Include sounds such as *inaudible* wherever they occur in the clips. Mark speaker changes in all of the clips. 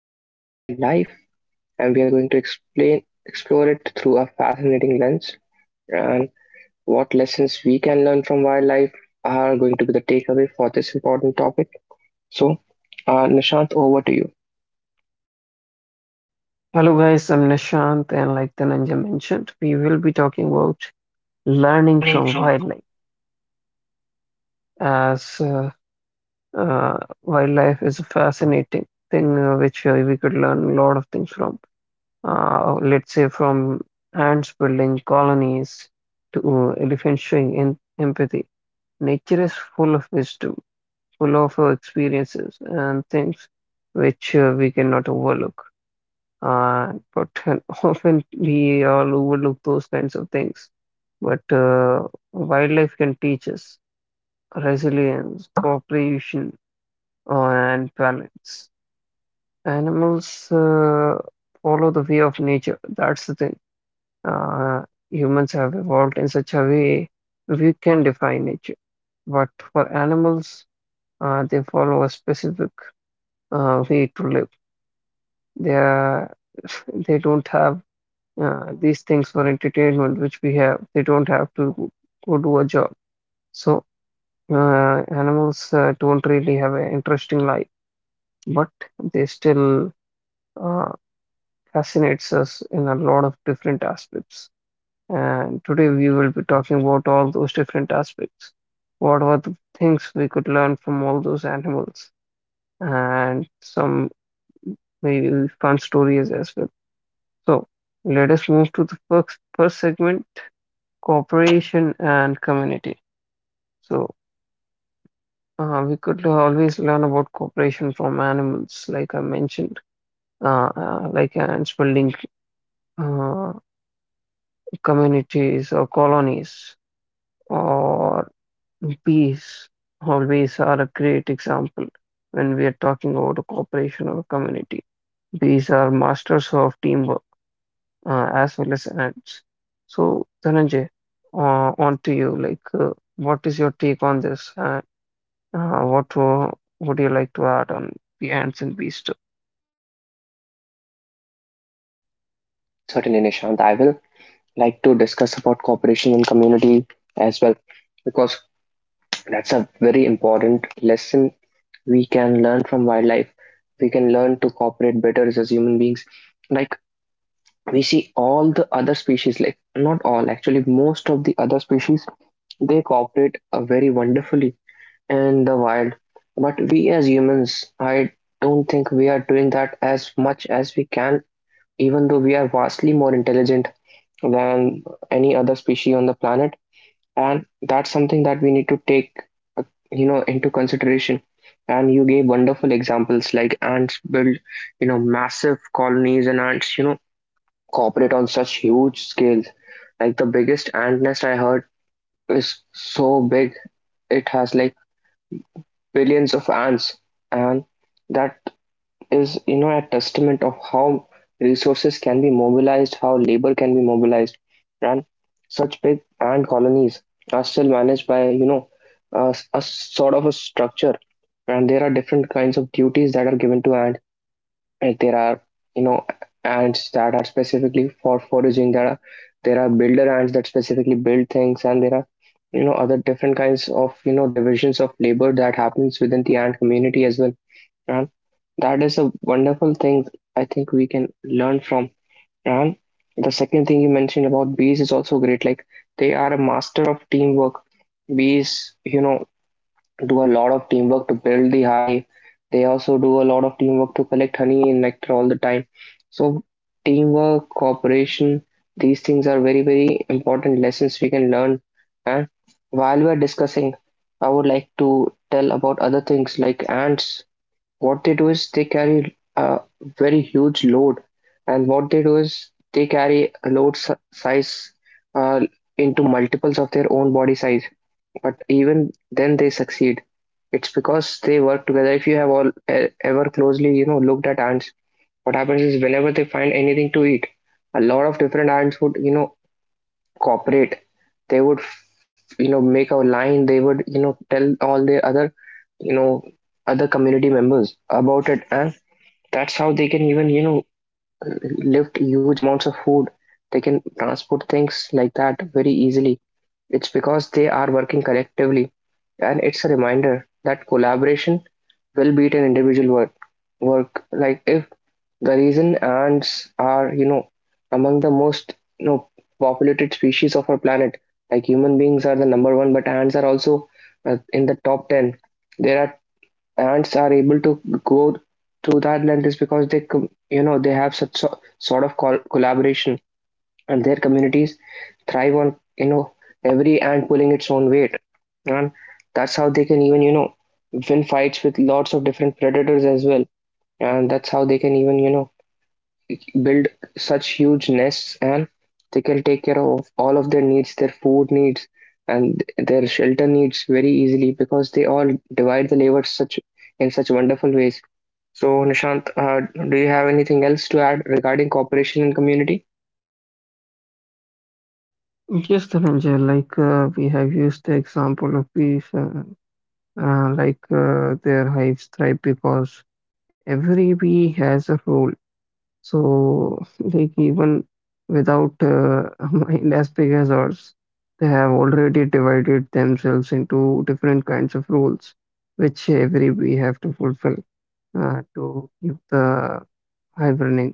Speaker 1: from wildlife, and we are going to explain explore it through a fascinating lens. And what lessons we can learn from wildlife are going to be the takeaway for this important topic. So, Nishant, over to you.
Speaker 2: Hello
Speaker 1: Hello
Speaker 2: guys, I'm
Speaker 1: guys, I'm
Speaker 2: Nishant,
Speaker 1: Nishant
Speaker 2: and
Speaker 1: and
Speaker 2: like
Speaker 1: like the
Speaker 2: Dhananjay mentioned, we will be talking about learning
Speaker 1: learning
Speaker 2: from
Speaker 1: from.
Speaker 2: wildlife as uh, wildlife is a fascinating thing which we could learn a lot of things from. Let's say from ants building colonies to elephants showing in empathy. Nature is full of wisdom, full of experiences and things which we cannot overlook. But *laughs* often we all overlook those kinds of things. But wildlife can teach us resilience, cooperation, and balance. Animals follow the way of nature. That's the thing. Uh, Humans have evolved in such a way we can defy nature. But for animals, they follow a specific way to live. They are, *laughs* they don't have these things for entertainment, which we have. They don't have to go do a job. So animals don't really have an interesting life, but they still uh, fascinates us in a lot of different aspects. And today we will be talking about all those different aspects. What are the things we could learn from all those animals, and some maybe fun stories as well. So let us move to the first segment, cooperation and community. So we could always learn about cooperation from animals, like I mentioned, like ants building uh, communities or colonies, or bees. Always are a great example when we are talking about a cooperation or a community. Bees are masters of teamwork as well as ants. So Dhananjay, uh, on to you. Like, what is your take on this? What would you like to add on the ants and bees too?
Speaker 1: Certainly, Nishant, I will like to discuss about cooperation and community as well, because that's a very important lesson we can learn from wildlife. We can learn to cooperate better as human beings. Like, we see all the other species, like not all, actually most of the other species, they cooperate very wonderfully in the wild. But we as humans, I don't think we are doing that as much as we can, even though we are vastly more intelligent than any other species on the planet, and that's something that we need to take, uh, you know, into consideration. And you gave wonderful examples like ants build, you know, massive colonies, and ants, you know, cooperate on such huge scales. Like the biggest ant nest I heard is so big, it has like billions of ants, and that is, you know, a testament of how resources can be mobilized, how labor can be mobilized, and such big ant colonies are still managed by, you know, a sort of a structure, and there are different kinds of duties that are given to ants. And there are, you know, ants that are specifically for foraging. There are builder ants that specifically build things, and there are, you know, other different kinds of, you know, divisions of labor that happens within the ant community as well. And that is a wonderful thing I think we can learn from. And the second thing you mentioned about bees is also great. Like, they are a master of teamwork. Bees, you know, do a lot of teamwork to build the hive. They also do a lot of teamwork to collect honey and nectar all the time. So teamwork, cooperation, these things are very, very important lessons we can learn. And while we're discussing, I would like to tell about other things like ants. What they do is they carry a very huge load, and what they do is they carry a size uh, into multiples of their own body size. But even then, they succeed. It's because they work together. If you have ever closely, you know, looked at ants, what happens is whenever they find anything to eat, a lot of different ants would, you know, cooperate. They would, you know, make a line. They would, you know, tell all the other, you know, other community members about it, and that's how they can even, you know, lift huge amounts of food. They can transport things like that very easily. It's because they are working collectively. And it's a reminder that collaboration will beat an individual work. Like, if the reason ants are, you know, among the most, you know, populated species of our planet, like human beings are the number one, but ants are also in the top 10. There are ants are able to go to that length is because they, you know, they have such sort of collaboration, and their communities thrive on, you know, every ant pulling its own weight, and that's how they can even, you know, win fights with lots of different predators as well, and that's how they can even, you know, build such huge nests, and they can take care of all of their needs, their food needs and their shelter needs very easily, because they all divide the labor such, in such wonderful ways. So, Nishant, do you have anything else to add regarding cooperation and community?
Speaker 2: Yes, Dhananjay, like we have used the example of bees, like their hives thrive because every bee has a role. So, like, even without *laughs* a mind as big as ours, they have already divided themselves into different kinds of roles, which every bee have to fulfill to keep the hive running.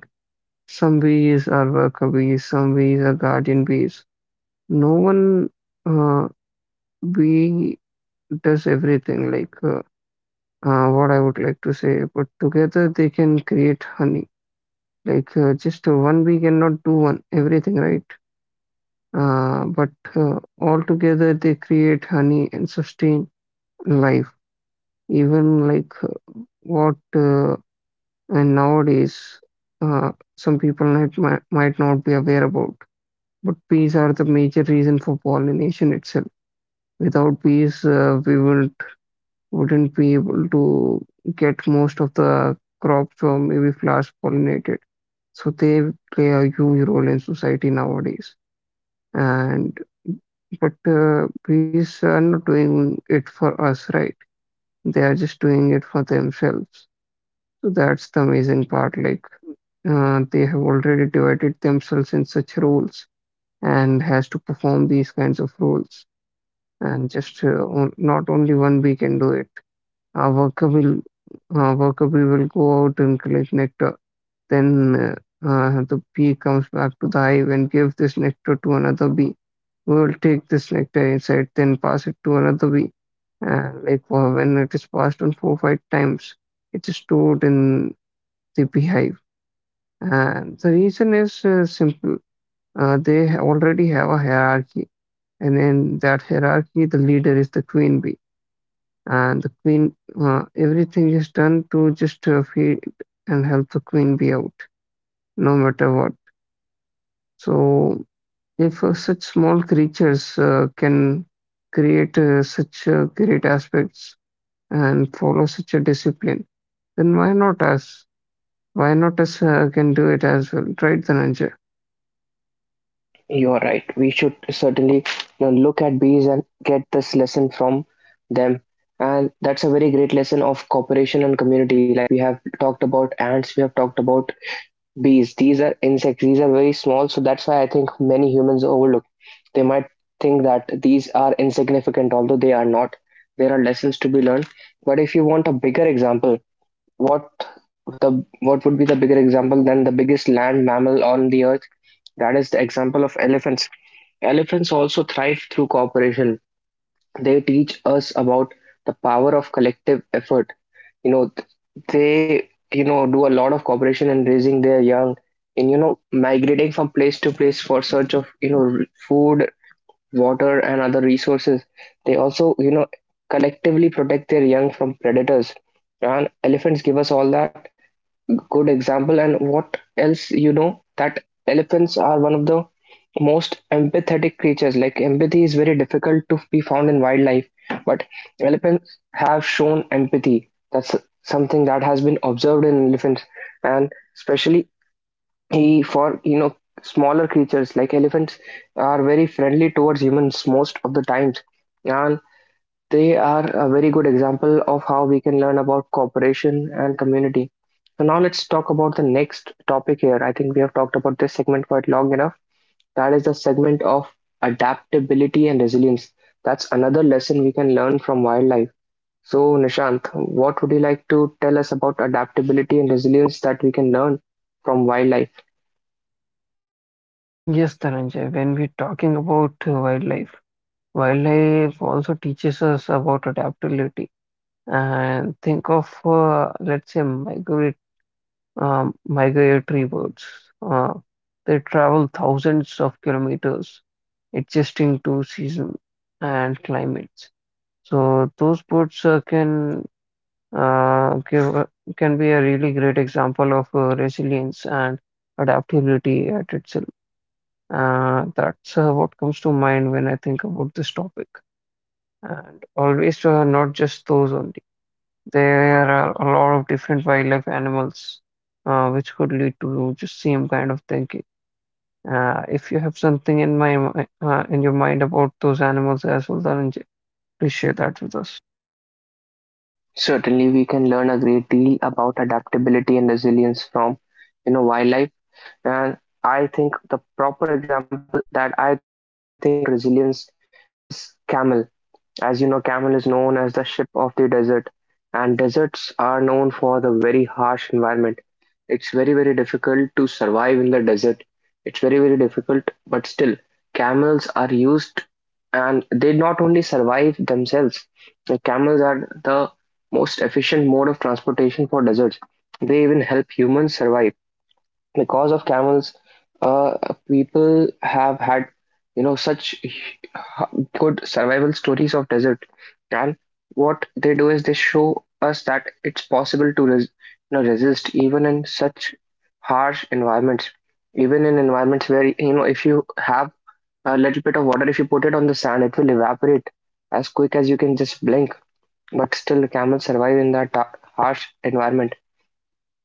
Speaker 2: Some bees are worker bees, some bees are guardian bees. No one uh, bee does everything, like what I would like to say, but together they can create honey. Like just one bee cannot do one everything, right? But all together they create honey and sustain life. Even like what and nowadays uh, some people might not be aware about. But bees are the major reason for pollination itself. Without bees, we will wouldn't be able to get most of the crops or maybe flowers pollinated. So they play a huge role in society nowadays. And but bees are not doing it for us, right? They are just doing it for themselves. So that's the amazing part. Like they have already divided themselves in such roles and has to perform these kinds of roles. And just not only one bee can do it. A worker bee will go out and collect nectar. Then the bee comes back to the hive and gives this nectar to another bee, who will take this nectar inside, then pass it to another bee. And like when it is passed on four five times, it is stored in the beehive. And the reason is simple. They already have a hierarchy, and in that hierarchy, the leader is the queen bee, and the queen everything is done to just feed and help the queen be out, no matter what. So if such small creatures can create such great aspects and follow such a discipline, then why not us? Why not us can do it as well, right Dhananjay?
Speaker 1: You're right. We should certainly, you know, look at bees and get this lesson from them. And that's a very great lesson of cooperation and community. Like, we have talked about ants, we have talked about bees. These are insects. These are very small, so that's why I think many humans overlook. They might think that these are insignificant, although they are not. There are lessons to be learned. But if you want a bigger example, What the what would be the bigger example than the biggest land mammal on the earth? That is the example of elephants. Elephants also thrive through cooperation. They teach us about the power of collective effort. You know, they, you know, do a lot of cooperation in raising their young, in, you know, migrating from place to place for search of, you know, food, water, and other resources. They also, you know, collectively protect their young from predators. And elephants give us all that good example. And what else, you know, that elephants are one of the most empathetic creatures. Like, empathy is very difficult to be found in wildlife, but elephants have shown empathy. That's something that has been observed in elephants, and especially he for, you know, smaller creatures, like elephants are very friendly towards humans most of the times. And they are a very good example of how we can learn about cooperation and community. So now let's talk about the next topic here. I think we have talked about this segment quite long enough. That is the segment of adaptability and resilience. That's another lesson we can learn from wildlife. So Nishant, what would you like to tell us about adaptability and resilience that we can learn from wildlife?
Speaker 2: Yes, Dhananjay, when we're talking about wildlife, wildlife also teaches us about adaptability, and think of let's say migrate migratory birds. Uh, they travel thousands of kilometers, adjusting to season and climates. So those birds uh, give a- can be a really great example of resilience and adaptability at itself. That's what comes to mind when I think about this topic. And always not just those only. There are a lot of different wildlife animals, which could lead to just same kind of thinking. If you have something in in your mind about those animals as well, Dhananjay, please share that with us.
Speaker 1: Certainly, we can learn a great deal about adaptability and resilience from, you know, wildlife. And I think the proper example that I think is about resilience is camel. As you know, camel is known as the ship of the desert, and deserts are known for the very harsh environment. It's very, very difficult to survive in the desert. It's very, very difficult, but still, camels are used and they not only survive themselves, the camels are the most efficient mode of transportation for deserts. They even help humans survive. Because of camels, uh, people have had, you know, such good survival stories of desert. And what they do is they show us that it's possible to you know, resist even in such harsh environments, even in environments where, you know, if you have a little bit of water, if you put it on the sand, it will evaporate as quick as you can just blink. But still camels survive in that harsh environment.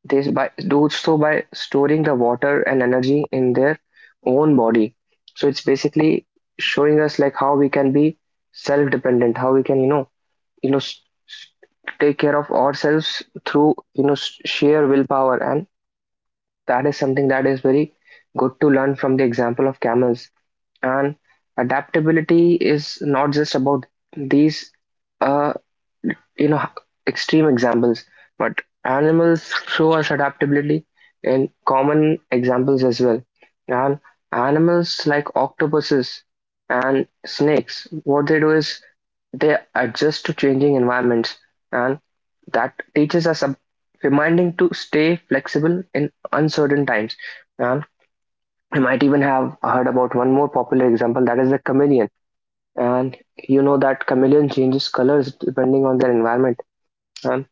Speaker 1: They do so by storing the water and energy in their own body. So it's basically showing us like how we can be self-dependent, how we can, you know, you know, take care of ourselves through, you know, sheer willpower, and that is something that is very good to learn from the example of camels. And adaptability is not just about these uh, you know, extreme examples, but animals show us adaptability in common examples as well. And animals like octopuses and snakes, what they do is they adjust to changing environments, and that teaches us a reminding to stay flexible in uncertain times. And you might even have heard about one more popular example, that is the chameleon. And you know that chameleon changes colors depending on their environment. And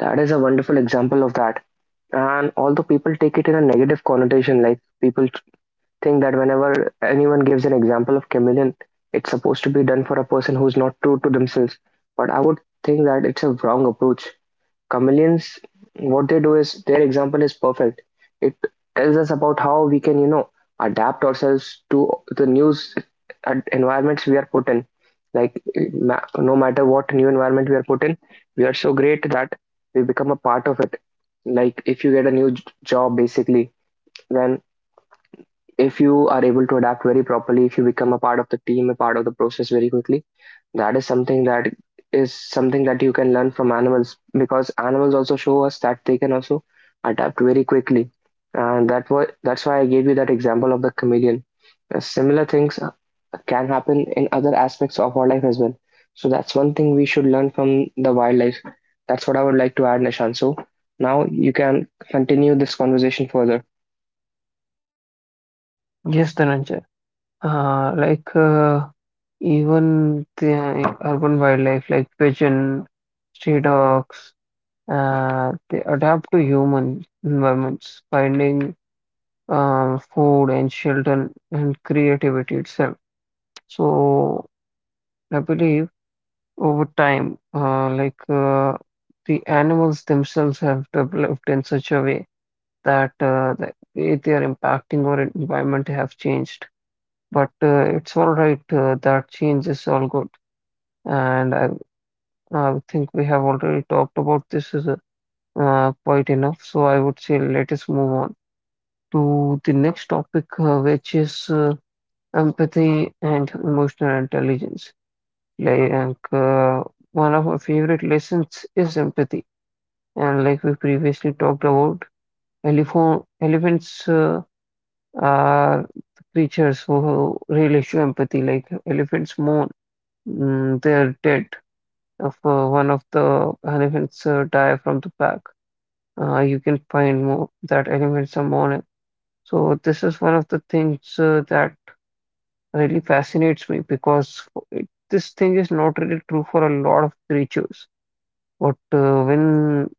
Speaker 1: that is a wonderful example of that. And although people take it in a negative connotation, like people think that whenever anyone gives an example of chameleon, it's supposed to be done for a person who's not true to themselves. But I would think that it's a wrong approach. Chameleons, what they do is their example is perfect. It tells us about how we can, you know, adapt ourselves to the new environments we are put in. Like, no matter what new environment we are put in, we are so great that we become a part of it. Like, if you get a new job, basically, then if you are able to adapt very properly, if you become a part of the team, a part of the process very quickly, that is something that is something that you can learn from animals, because animals also show us that they can also adapt very quickly, and that's why I gave you that example of the chameleon. Similar things can happen in other aspects of our life as well. So that's one thing we should learn from the wildlife. That's what I would like to add, nishan so now you can continue this conversation further.
Speaker 2: Yes, Dhananjay. Like even the urban wildlife like pigeon, stray dogs, they adapt to human environments, finding food and shelter and creativity itself. So I believe over time, the animals themselves have developed in such a way that the way they are impacting our environment have changed. But it's all right, that change is all good. And I think we have already talked about this quite enough. So I would say let us move on to the next topic, which is empathy and emotional intelligence. Like one of my favorite lessons is empathy. And like we previously talked about, elephants are creatures who really show empathy. Like elephants mourn their dead. If one of the elephants die from the pack, you can find more that elephants are mourning. So this is one of the things that really fascinates me because this thing is not really true for a lot of creatures. But when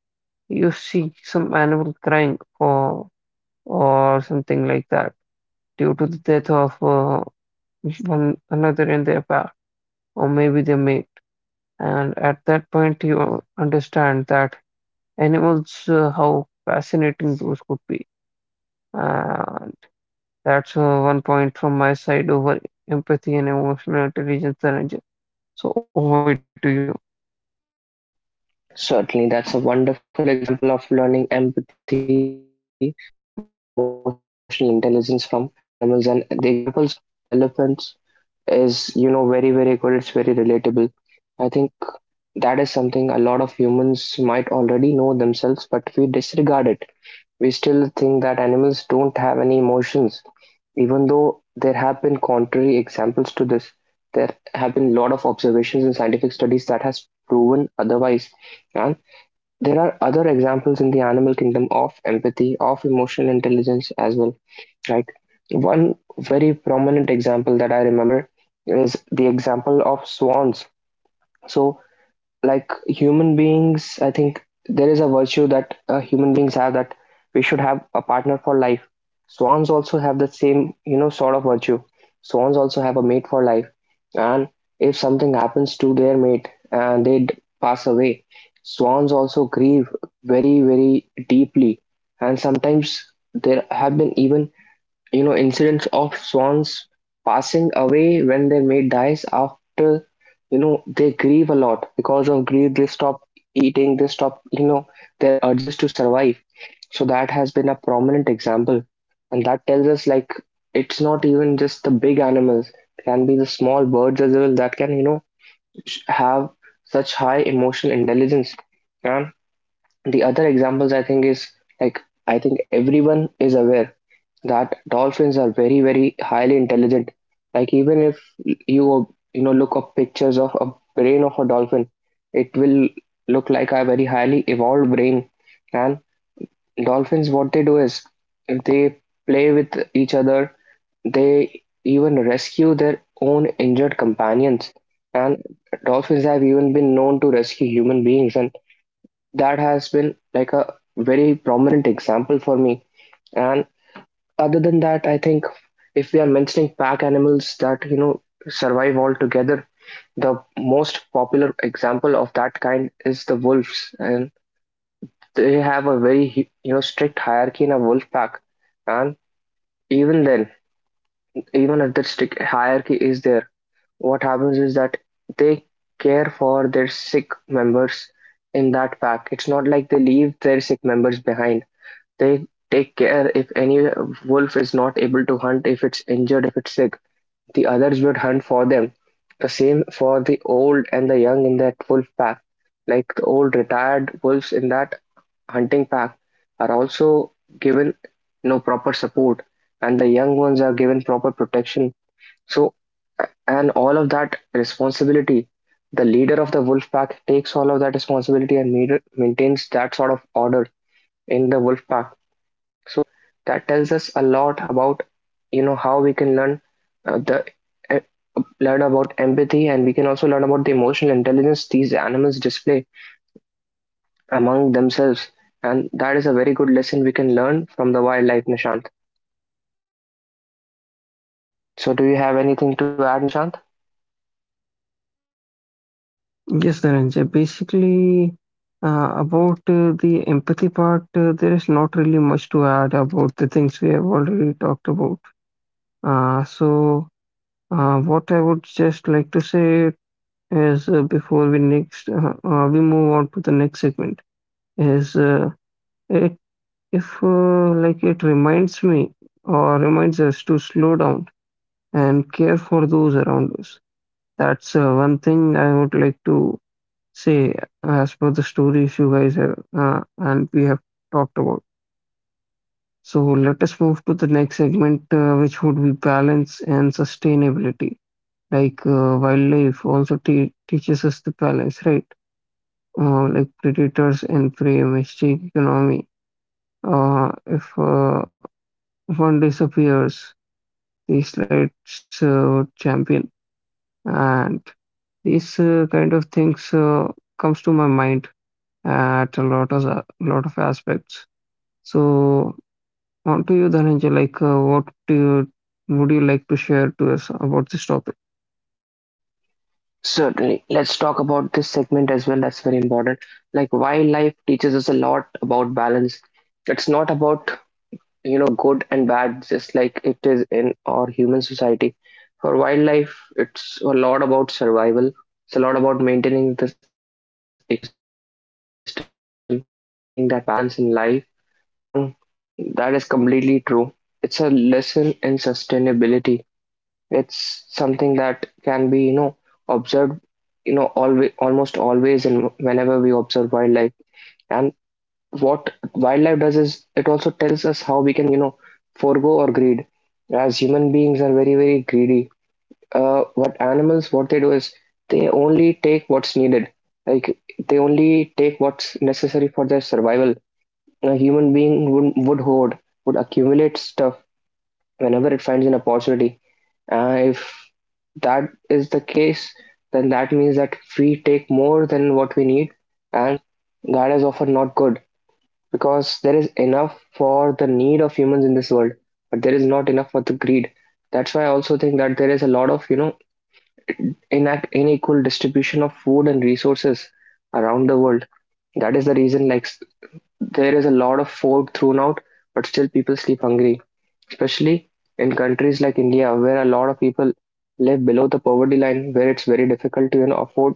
Speaker 2: you see some animal crying or something like that due to the death of one another in their pack or maybe their mate, and at that point you understand that animals how fascinating those could be. Uh, that's one point from my side over empathy and emotional intelligence, Dhananjay. So over to you.
Speaker 1: Certainly, that's a wonderful example of learning empathy and about emotional intelligence from animals. And the examples of elephants is, you know, very, very good. It's very relatable. I think that is something a lot of humans might already know themselves, but we disregard it. We still think that animals don't have any emotions, even though there have been contrary examples to this. There have been a lot of observations in scientific studies that has proven otherwise. And there are other examples in the animal kingdom of empathy, of emotional intelligence as well. Like one very prominent example that I remember is the example of swans. So like human beings, I think there is a virtue that human beings have that we should have a partner for life. Swans also have the same, you know, sort of virtue. Swans also have a mate for life, and if something happens to their mate and pass away, swans also grieve very, very deeply, and sometimes there have been even, you know, incidents of swans passing away when their mate dies. After, you know, they grieve a lot, because of grief they stop eating, they stop, you know, their urges to survive. So that has been a prominent example, and that tells us like it's not even just the big animals, it can be the small birds as well that can, you know, have such high emotional intelligence. And the other examples, I think, is like, I think everyone is aware that dolphins are very, very highly intelligent. Like even if you, you know, look up pictures of a brain of a dolphin, it will look like a very highly evolved brain. And dolphins, what they do is they play with each other, they even rescue their own injured companions. And dolphins have even been known to rescue human beings, and that has been like a very prominent example for me. And other than that, I think if we are mentioning pack animals that, you know, survive all together, the most popular example of that kind is the wolves, and they have a very, you know, strict hierarchy in a wolf pack. And even then, even if that strict hierarchy is there, what happens is that they care for their sick members in that pack. It's not like they leave their sick members behind. They take care if any wolf is not able to hunt, if it's injured, if it's sick, the others would hunt for them. The same for the old and the young in that wolf pack. Like the old retired wolves in that hunting pack are also given no proper support, and the young ones are given proper protection. So, and all of that responsibility, the leader of the wolf pack takes all of that responsibility and maintains that sort of order in the wolf pack. So that tells us a lot about, you know, how we can learn the uh, learn about empathy, and we can also learn about the emotional intelligence these animals display among themselves. And that is a very good lesson we can learn from the wildlife, Nishant. So do you have anything to add, Nishant?
Speaker 2: Yes, Dhananjay. Basically, about the empathy part, there is not really much to add about the things we have already talked about. So, what I would just like to say is before we next we move on to the next segment is it if like it reminds me or reminds us to slow down and care for those around us. That's one thing I would like to say as per the stories you guys have and we have talked about. So let us move to the next segment, which would be balance and sustainability. Like wildlife also teaches us the balance, right? Like predators and prey, mistake economy. If one disappears, the slides champion, and these kind of things comes to my mind at a lot of aspects. So on to you, Dhananjay. Like, what do you, would you like to share to us about this topic?
Speaker 1: Certainly. Let's talk about this segment as well. That's very important. Like wildlife teaches us a lot about balance. It's not about, you know, good and bad, just like it is in our human society. For wildlife, it's a lot about survival, it's a lot about maintaining this equilibrium in the system, it's about maintaining that balance in life. And that is completely true. It's a lesson in sustainability. It's something that can be, you know, observed, you know, always, almost always, and whenever we observe wildlife. And what wildlife does is it also tells us how we can, you know, forego our greed, as human beings are very, very greedy. Uh, what animals, what they do is they only take what's needed. Like they only take what's necessary for their survival. A human being would hoard, would accumulate stuff whenever it finds an opportunity. If that is the case, then that means that we take more than what we need, and that is often not good, because there is enough for the need of humans in this world, but there is not enough for the greed. That's why I also think that there is a lot of, you know, unequal distribution of food and resources around the world. That is the reason, like, there is a lot of food thrown out, but still people sleep hungry, especially in countries like India, where a lot of people live below the poverty line, where it's very difficult to, you know, afford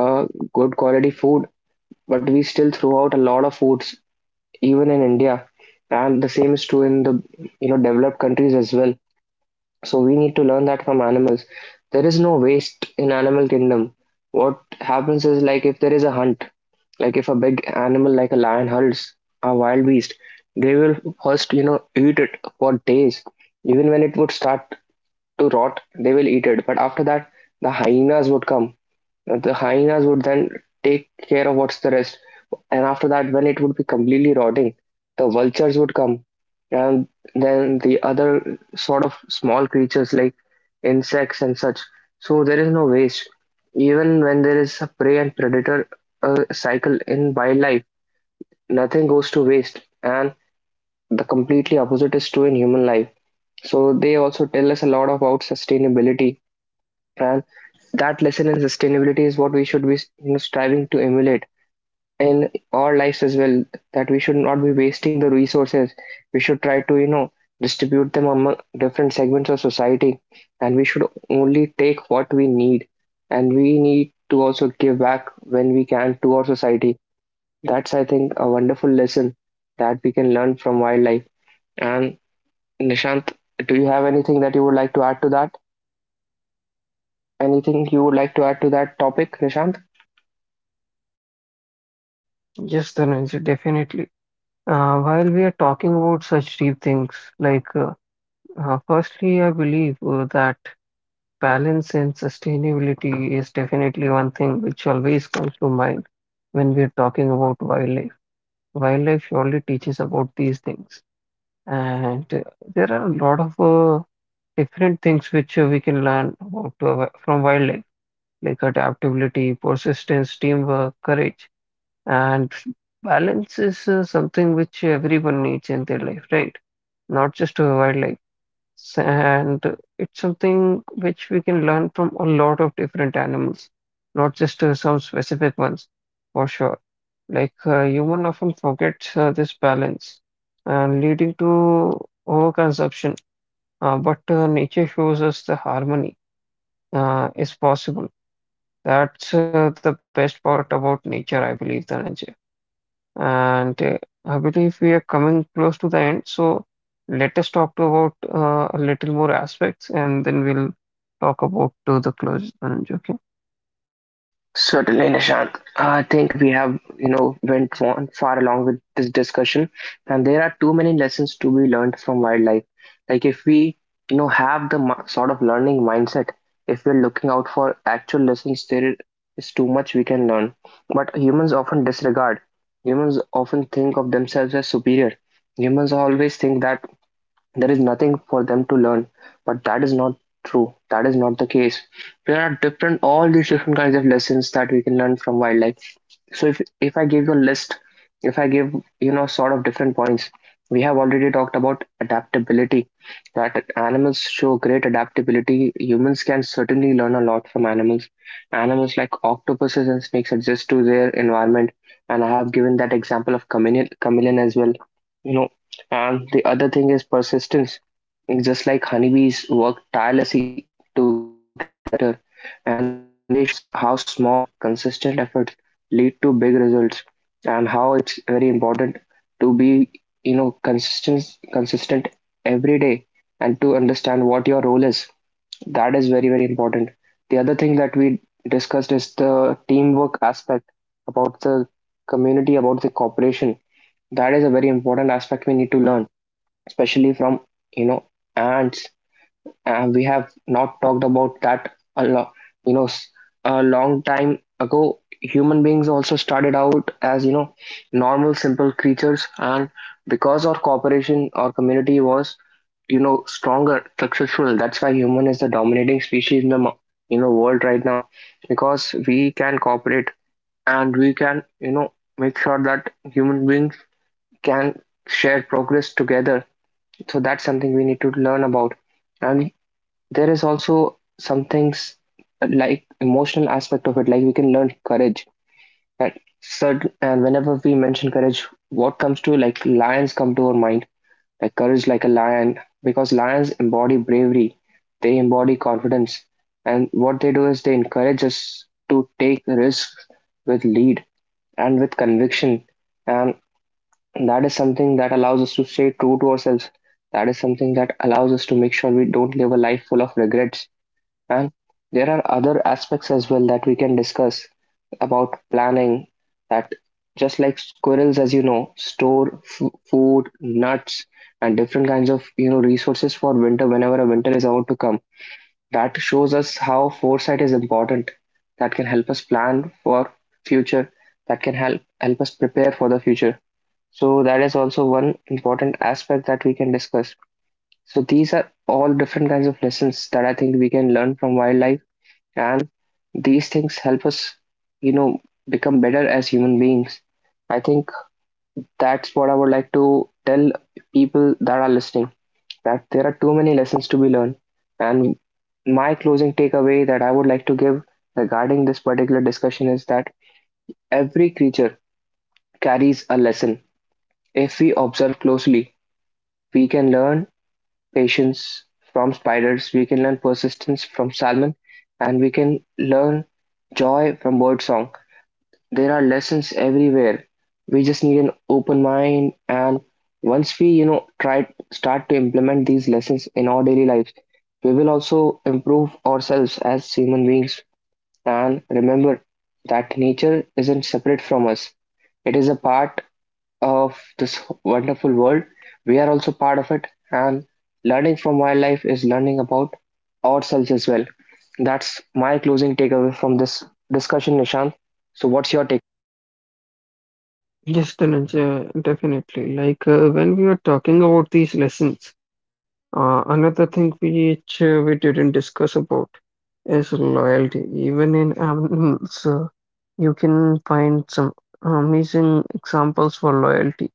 Speaker 1: uh, good quality food. But we still throw out a lot of foods even in India, and the same is true in the, you know, developed countries as well. So we need to learn that from animals. There is no waste in animal kingdom. What happens is, like, if there is a hunt, like if a big animal like a lion hunts a wild beast, they will first, you know, eat it for days. Even when it would start to rot, they will eat it. But after that, the hyenas would come, the hyenas would then take care of what's the rest. And after that, when it would be completely rotting, the vultures would come. And then the other sort of small creatures like insects and such. So there is no waste. Even when there is a prey and predator cycle in wildlife, nothing goes to waste. And the completely opposite is true in human life. So they also tell us a lot about sustainability, and that lesson in sustainability is what we should be, you know, striving to emulate in our lives as well. That we should not be wasting the resources, we should try to, you know, distribute them among different segments of society, and we should only take what we need, and we need to also give back when we can to our society. That's, I think, a wonderful lesson that we can learn from wildlife. And Nishant, do you have anything that you would like to add to that? Anything you would like to add to that topic, Nishant?
Speaker 2: Yes, Dhananjay, definitely. While we are talking about such deep things, like, firstly, I believe that balance and sustainability is definitely one thing which always comes to mind when we are talking about wildlife. Wildlife surely teaches about these things, and there are a lot of different things which we can learn about from wildlife, like adaptability, persistence, teamwork, courage, and balance is something which everyone needs in their life, right? Not just a wildlife. And it's something which we can learn from a lot of different animals, not just some specific ones, for sure. Like human often forgets this balance, and leading to overconsumption. But nature shows us the harmony is possible. That's the best part about nature, I believe, Dhananjay. And I believe we are coming close to the end. So let us talk to about a little more aspects, and then we'll talk about to the close, Dhananjay. Okay.
Speaker 1: Certainly, Nishant. I think we have, you know, went on far along with this discussion, and there are too many lessons to be learned from wildlife. Like if we, you know, have the sort of learning mindset, if we're looking out for actual lessons, there is too much we can learn. But humans often disregard. Humans often think of themselves as superior. Humans always think that there is nothing for them to learn. But that is not true. That is not the case. There are different, all these different kinds of lessons that we can learn from wildlife. So if I give you a list, if I give, you know, sort of different points, we have already talked about adaptability. That animals show great adaptability. Humans can certainly learn a lot from animals. Animals like octopuses and snakes adjust to their environment, and I have given that example of chameleon as well. You know, and the other thing is persistence. Just like honeybees work tirelessly to gather nectar, and they show us how small, consistent efforts lead to big results, and how it's very important to be, you know, consistent every day, and to understand what your role is. That is very, very important. The other thing that we discussed is the teamwork aspect, about the community, about the cooperation. That is a very important aspect we need to learn, especially from, you know, ants. And we have not talked about that a lot. You know, a long time ago, human beings also started out as, you know, normal, simple creatures, and because our cooperation, our community was, you know, stronger, successful. That's why human is the dominating species in the you know, world right now, because we can cooperate and we can, you know, make sure that human beings can share progress together. So that's something we need to learn about. And there is also some things like emotional aspect of it, like we can learn courage. That certain, and whenever we mention courage, what comes to, like, lions come to our mind. Like courage like a lion, because lions embody bravery, they embody confidence, and what they do is they encourage us to take risks with lead and with conviction. And that is something that allows us to stay true to ourselves. That is something that allows us to make sure we don't live a life full of regrets. And there are other aspects as well that we can discuss about planning. That just like squirrels, as you know, store food, nuts, and different kinds of, you know, resources for winter, whenever a winter is about to come, that shows us how foresight is important, that can help us plan for future, that can help us prepare for the future. So that is also one important aspect that we can discuss. So these are all different kinds of lessons that I think we can learn from wildlife, and these things help us, you know, become better as human beings. I think that's what I would like to tell people that are listening, that there are too many lessons to be learned. And my closing takeaway that I would like to give regarding this particular discussion is that every creature carries a lesson. If we observe closely, we can learn patience from spiders, we can learn persistence from salmon, and we can learn joy from birdsong. There are lessons everywhere. We just need an open mind, and once we, you know, try start to implement these lessons in our daily lives, we will also improve ourselves as human beings. And remember that nature isn't separate from us; it is a part of this wonderful world. We are also part of it, and learning from wildlife is learning about ourselves as well. That's my closing takeaway from this discussion, Nishant. So, what's your take?
Speaker 2: Yes, Dhananjay, definitely. Like when we were talking about these lessons, another thing which we didn't discuss about is loyalty. Even in animals, you can find some amazing examples for loyalty.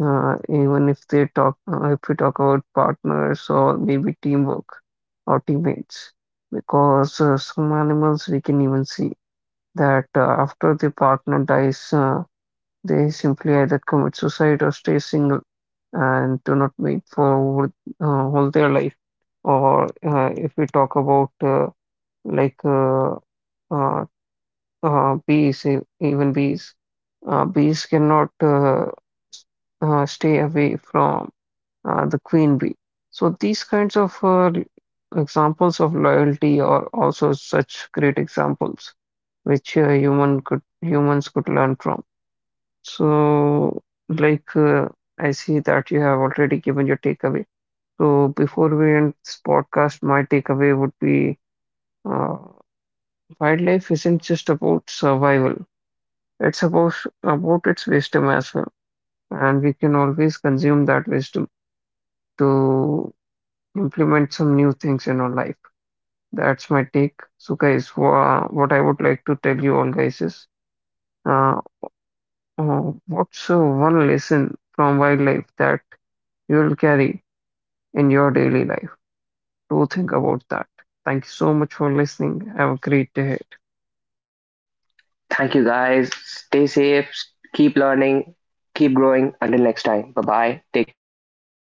Speaker 2: Even if they talk, if we talk about partners or maybe teamwork or teammates, because some animals we can even see that after the partner dies, they simply either commit suicide or stay single and do not mate for all their life. Or if we talk about like uh, uh, bees, even bees, bees cannot stay away from the queen bee. So these kinds of examples of loyalty are also such great examples which humans could learn from. So, like I see that you have already given your takeaway. So before we end this podcast, my takeaway would be uh, wildlife isn't just about survival. It's about its wisdom as well, and we can always consume that wisdom to implement some new things in our life. That's my take. So, guys, what I would like to tell you all, guys, is uh, uh, what's one lesson from wildlife that you'll carry in your daily life? Do think about that. Thank you so much for listening. Have a great day.
Speaker 1: Thank you, guys. Stay safe, keep learning, keep growing. Until next time, bye bye. Take care, stay safe.